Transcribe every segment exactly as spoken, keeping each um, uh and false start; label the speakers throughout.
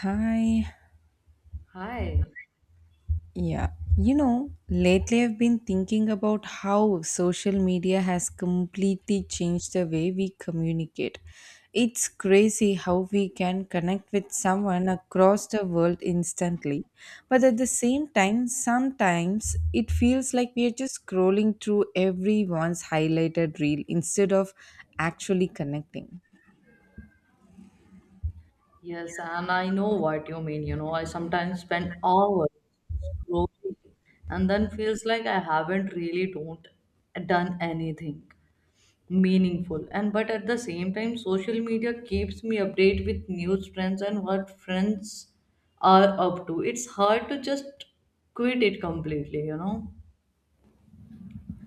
Speaker 1: Hi.
Speaker 2: Hi.
Speaker 1: Yeah. You know, lately I've been thinking about how social media has completely changed the way we communicate. It's crazy how we can connect with someone across the world instantly. But at the same time, sometimes it feels like we are just scrolling through everyone's highlighted reel instead of actually connecting.
Speaker 2: Yes, and I know what you mean. You know, I sometimes spend hours scrolling and then feels like I haven't really don't done anything meaningful. And but at the same time, social media keeps me update with news trends and what friends are up to. It's hard to just quit it completely, you know.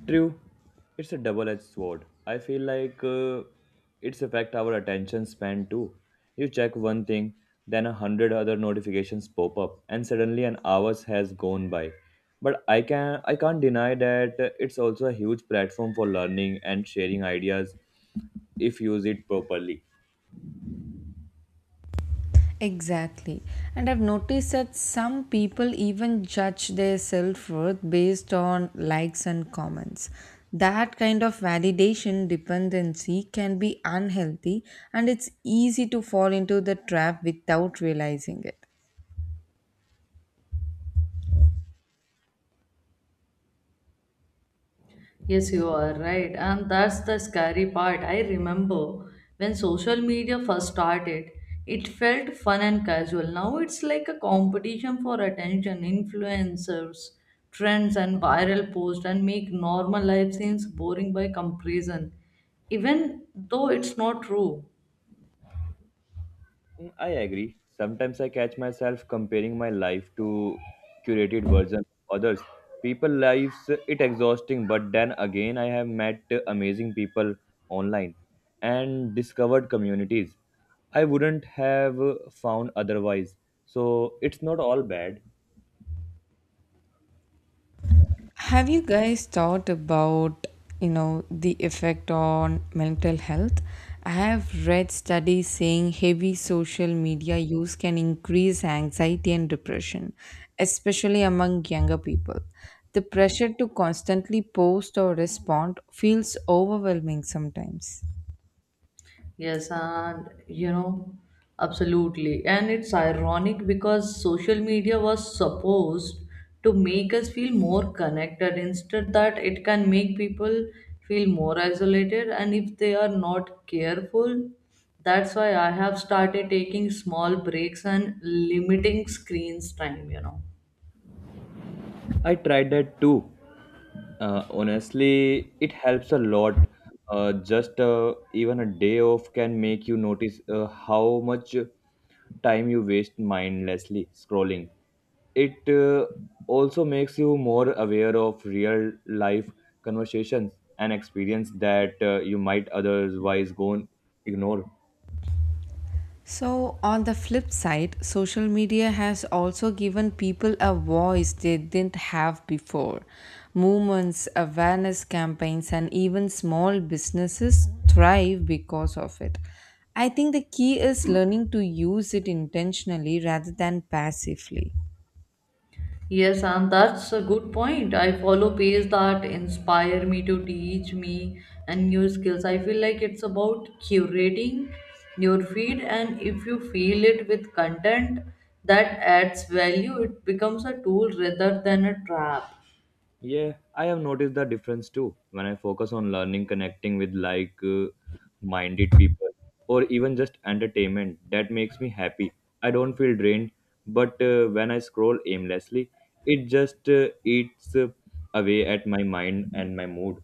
Speaker 3: True, it's a double-edged sword. I feel like uh, it's affect our attention span too. You check one thing, then a hundred other notifications pop up, and suddenly an hours has gone by. But I can I can't deny that uh, it's also a huge platform for learning and sharing ideas if used it properly.
Speaker 1: Exactly. And I've noticed that some people even judge their self worth based on likes and comments. That kind of validation dependency can be unhealthy, and it's easy to fall into the trap without realizing it.
Speaker 2: Yes, you are right. And that's the scary part. I remember when social media first started, it felt fun and casual. Now it's like a competition for attention, influencers, trends, and viral posts, and make normal life seems boring by comparison, even though it's not true.
Speaker 3: Mm, I agree. Sometimes I catch myself comparing my life to curated version of others. People lives it exhausting, but then again I have met amazing people online and discovered communities I wouldn't have found otherwise. So it's not all bad.
Speaker 1: Have you guys thought about, you know, the effect on mental health? I have read studies saying heavy social media use can increase anxiety and depression, especially among younger people. The pressure to constantly post or respond feels overwhelming sometimes.
Speaker 2: Yes, and you know, absolutely. And it's ironic because social media was supposed to make us feel more connected. Instead, that it can make people feel more isolated. And if they are not careful, that's why I have started taking small breaks and limiting screens time, you know.
Speaker 3: I tried that too. Uh, honestly, it helps a lot. Uh, just uh, even a day off can make you notice uh, how much time you waste mindlessly scrolling. It uh, also makes you more aware of real life conversations and experience that uh, you might otherwise go and ignore.
Speaker 1: So, on the flip side, social media has also given people a voice they didn't have before. Movements, awareness campaigns, and even small businesses thrive because of it. I think the key is learning to use it intentionally rather than passively.
Speaker 2: Yes, and that's a good point. I follow pages that inspire me to teach me and new skills. I feel like it's about curating your feed, and if you feel it with content that adds value, it becomes a tool rather than a trap.
Speaker 3: Yeah, I have noticed the difference too when I focus on learning, connecting with like uh, minded people, or even just entertainment that makes me happy. I don't feel drained, but uh, when I scroll aimlessly, it just uh, eats uh, away at my mind and my mood.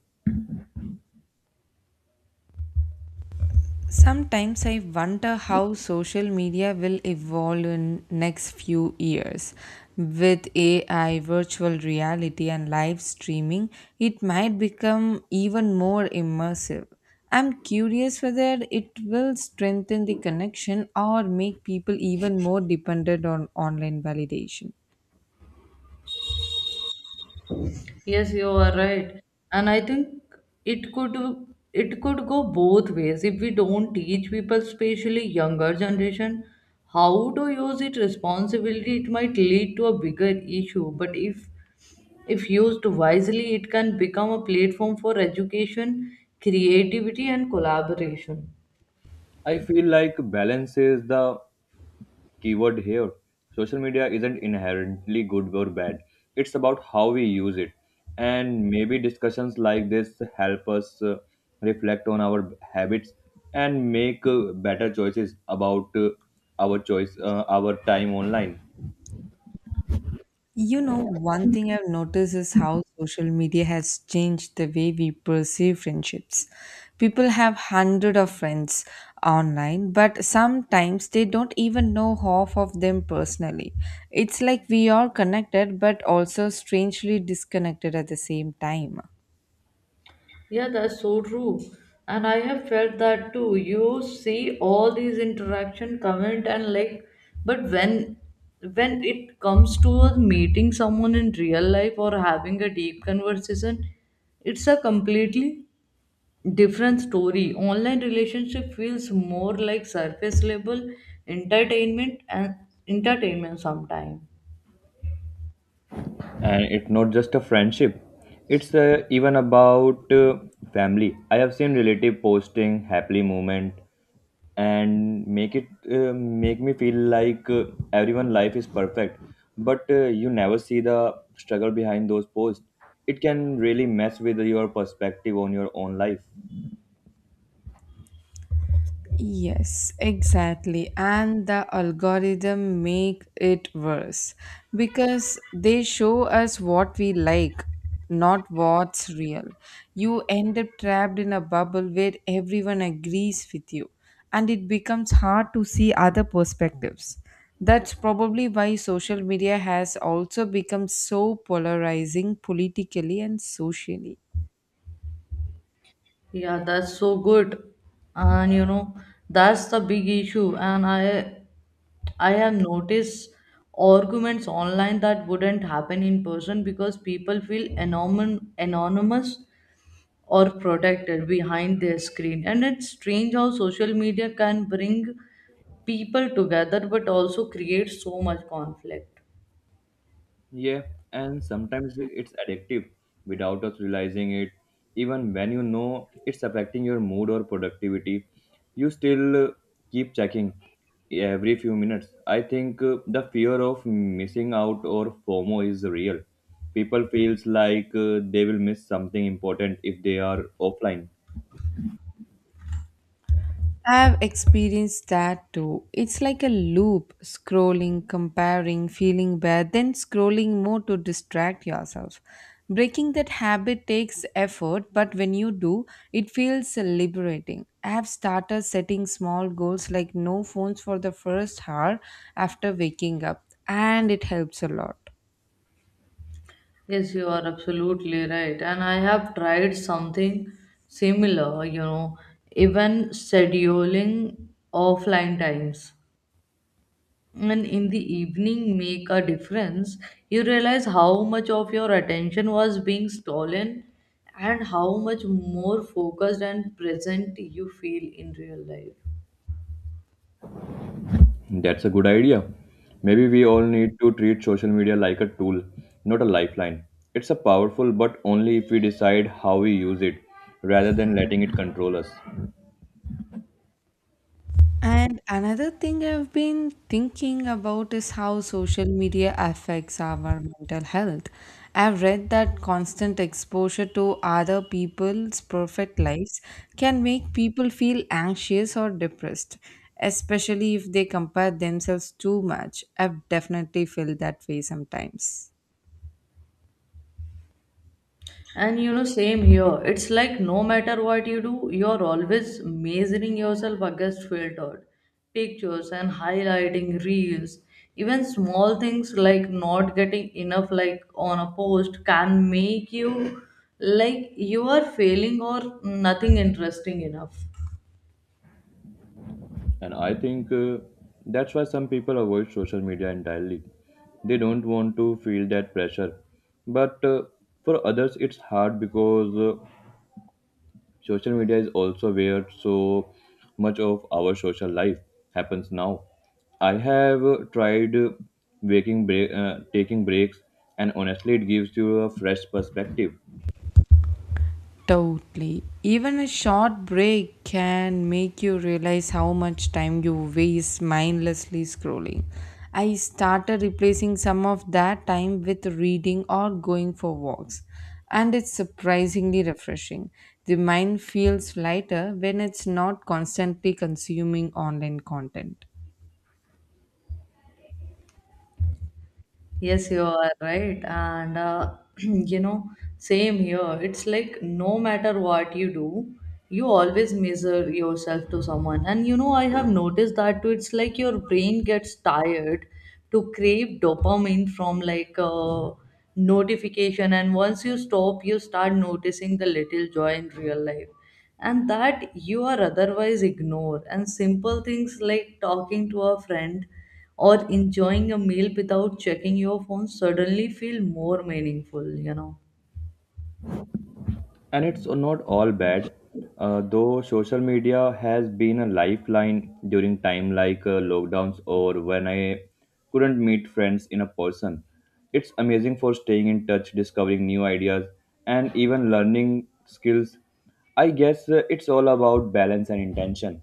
Speaker 1: Sometimes I wonder how social media will evolve in next few years. With A I, virtual reality and live streaming, it might become even more immersive. I'm curious whether it will strengthen the connection or make people even more dependent on online validation.
Speaker 2: Yes, you are right. And I think it could it could go both ways if we don't teach people, especially younger generation, how to use it responsibly, it might lead to a bigger issue. But if if used wisely, it can become a platform for education, creativity and collaboration.
Speaker 3: I feel like balance is the keyword here. Social media isn't inherently good or bad. It's about how we use it. And maybe discussions like this help us uh, reflect on our habits and make uh, better choices about uh, our choice, uh, our time online.
Speaker 1: You know, one thing I've noticed is how social media has changed the way we perceive friendships. People have hundred of friends online, but sometimes they don't even know half of them personally. It's like we are connected but also strangely disconnected at the same time.
Speaker 2: Yeah, that's so true. And I have felt that too. You see all these interaction, comment and like, but when when it comes to a meeting someone in real life or having a deep conversation, it's a completely different story. Online relationship feels more like surface level entertainment and entertainment sometimes.
Speaker 3: And it's not just a friendship. It's uh, even about uh, family. I have seen relative posting happily moment and make it uh, make me feel like uh, everyone life is perfect but uh, you never see the struggle behind those posts it can really mess with your perspective on your own life.
Speaker 1: Yes, exactly. And the algorithm make it worse because they show us what we like, not what's real. You end up trapped in a bubble where everyone agrees with you, and it becomes hard to see other perspectives. That's probably why social media has also become so polarizing politically and socially.
Speaker 2: Yeah, that's so good. And you know, that's the big issue. And I I have noticed arguments online that wouldn't happen in person because people feel anonym, anonymous or protected behind their screen. And it's strange how social media can bring people together but also create so much conflict.
Speaker 3: Yeah, and sometimes it's addictive without us realizing it. Even when you know it's affecting your mood or productivity, you still uh, keep checking every few minutes. I think uh, the fear of missing out or FOMO is real. People feels like uh, they will miss something important if they are offline.
Speaker 1: I've experienced that too. It's like a loop scrolling, comparing, feeling bad, then scrolling more to distract yourself. Breaking that habit takes effort, but when you do, it feels liberating. I have started setting small goals like no phones for the first hour after waking up, and it helps a lot.
Speaker 2: Yes, you are absolutely right. And I have tried something similar, you know, even scheduling offline times and in the evening make a difference you realize how much of your attention was being stolen and how much more focused and present you feel in real life.
Speaker 3: That's a good idea. Maybe we all need to treat social media like a tool, not a lifeline. It's a powerful, but only if we decide how we use it, rather than letting it control us.
Speaker 1: And another thing I've been thinking about is how social media affects our mental health. I've read that constant exposure to other people's perfect lives can make people feel anxious or depressed, especially if they compare themselves too much. I've definitely felt that way sometimes.
Speaker 2: And you know, same here. It's like no matter what you do, you're always measuring yourself against filtered pictures and highlighting reels. Even small things like not getting enough like on a post can make you like you are failing or nothing interesting enough.
Speaker 3: And I think uh, that's why some people avoid social media entirely. They don't want to feel that pressure. But uh, for others, it's hard because uh, social media is also where so much of our social life happens now. I have uh, tried uh, waking break, uh, taking breaks, and honestly, it gives you a fresh perspective.
Speaker 1: Totally. Even a short break can make you realize how much time you waste mindlessly scrolling. I started replacing some of that time with reading or going for walks, and it's surprisingly refreshing. The mind feels lighter when it's not constantly consuming online content.
Speaker 2: Yes, you are right. And uh, you know, same here. It's like no matter what you do, you always measure yourself to someone. And you know, I have noticed that too. It's like your brain gets tired to crave dopamine from like a notification. And once you stop, you start noticing the little joy in real life. And that you are otherwise ignore. And simple things like talking to a friend or enjoying a meal without checking your phone suddenly feel more meaningful you know
Speaker 3: And it's not all bad, uh, though social media has been a lifeline during time like uh, lockdowns or when I couldn't meet friends in a person. It's amazing for staying in touch, discovering new ideas, and even learning skills. I guess uh, it's all about balance and intention.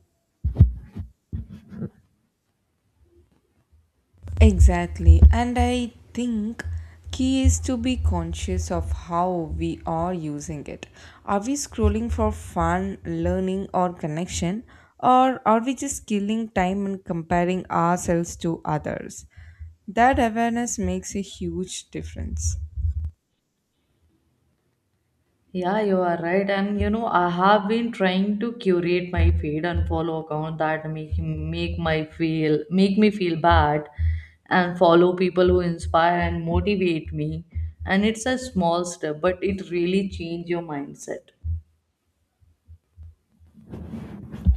Speaker 1: Exactly. And I think key is to be conscious of how we are using it. Are we scrolling for fun, learning or connection, or are we just killing time and comparing ourselves to others? That awareness makes a huge difference.
Speaker 2: Yeah, you are right. And you know I have been trying to curate my feed and follow account that make make my feel make me feel bad and follow people who inspire and motivate me. And it's a small step but it really change your mindset.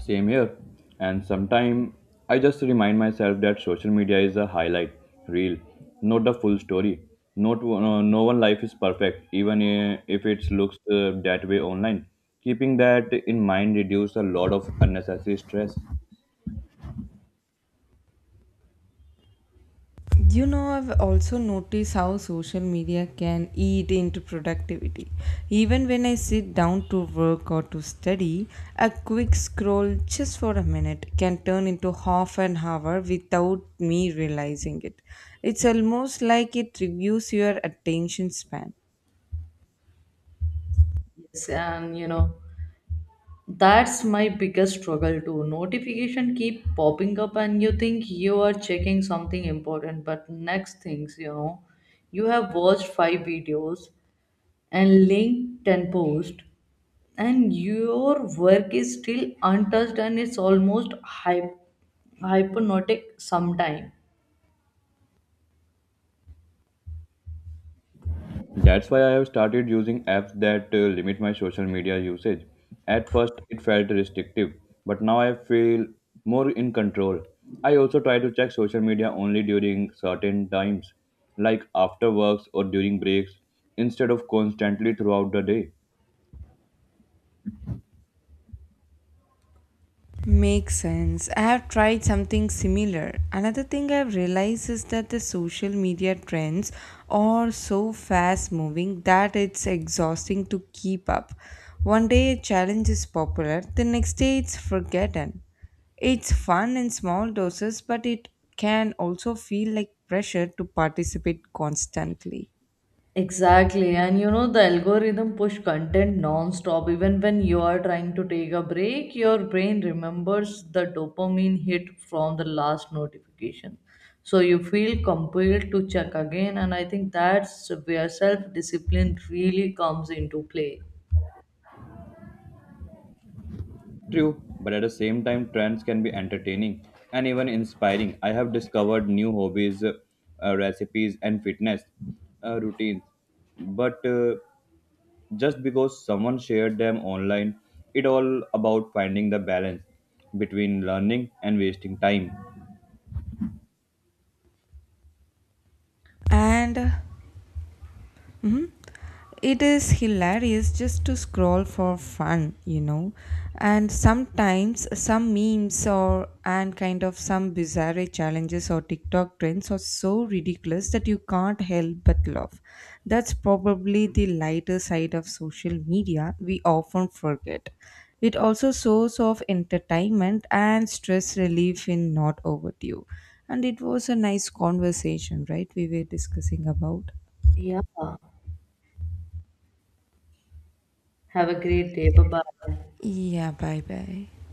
Speaker 3: Same here. And sometimes I just remind myself that social media is a highlight reel, not the full story. Not uh, no no one life is perfect, even uh, if it looks uh, that way online. Keeping that in mind reduces a lot of unnecessary stress.
Speaker 1: You know, I've also noticed how social media can eat into productivity. Even when I sit down to work or to study, a quick scroll just for a minute can turn into half an hour without me realizing it. It's almost like it reviews your attention span.
Speaker 2: Yes, and you know that's my biggest struggle too. Notification keep popping up and you think you are checking something important, but next things, you know, you have watched five videos and linked ten posts and your work is still untouched and it's almost hyp- hypnotic sometime.
Speaker 3: That's why I have started using apps that uh, limit my social media usage. At first, it felt restrictive, but now I feel more in control. I also try to check social media only during certain times, like after works or during breaks, instead of constantly throughout the day.
Speaker 1: Makes sense. I have tried something similar. Another thing I've realized is that the social media trends are so fast moving that it's exhausting to keep up. One day a challenge is popular, the next day it's forgotten. It's fun in small doses, but it can also feel like pressure to participate constantly.
Speaker 2: Exactly. And you know, the algorithm push content non-stop. Even when you are trying to take a break, your brain remembers the dopamine hit from the last notification. So you feel compelled to check again. And I think that's where self-discipline really comes into play.
Speaker 3: True, but at the same time, trends can be entertaining and even inspiring. I have discovered new hobbies, uh, recipes, and fitness uh, routines. But uh, just because someone shared them online. It all about finding the balance between learning and wasting time.
Speaker 1: And it is hilarious just to scroll for fun, you know and sometimes some memes or and kind of some bizarre challenges or TikTok trends are so ridiculous that you can't help but laugh. That's probably the lighter side of social media we often forget. It also source of entertainment and stress relief in not overdue. And it was a nice conversation, right? We were discussing about
Speaker 2: Yeah. Have a great day. Bye-bye.
Speaker 1: yeah bye bye.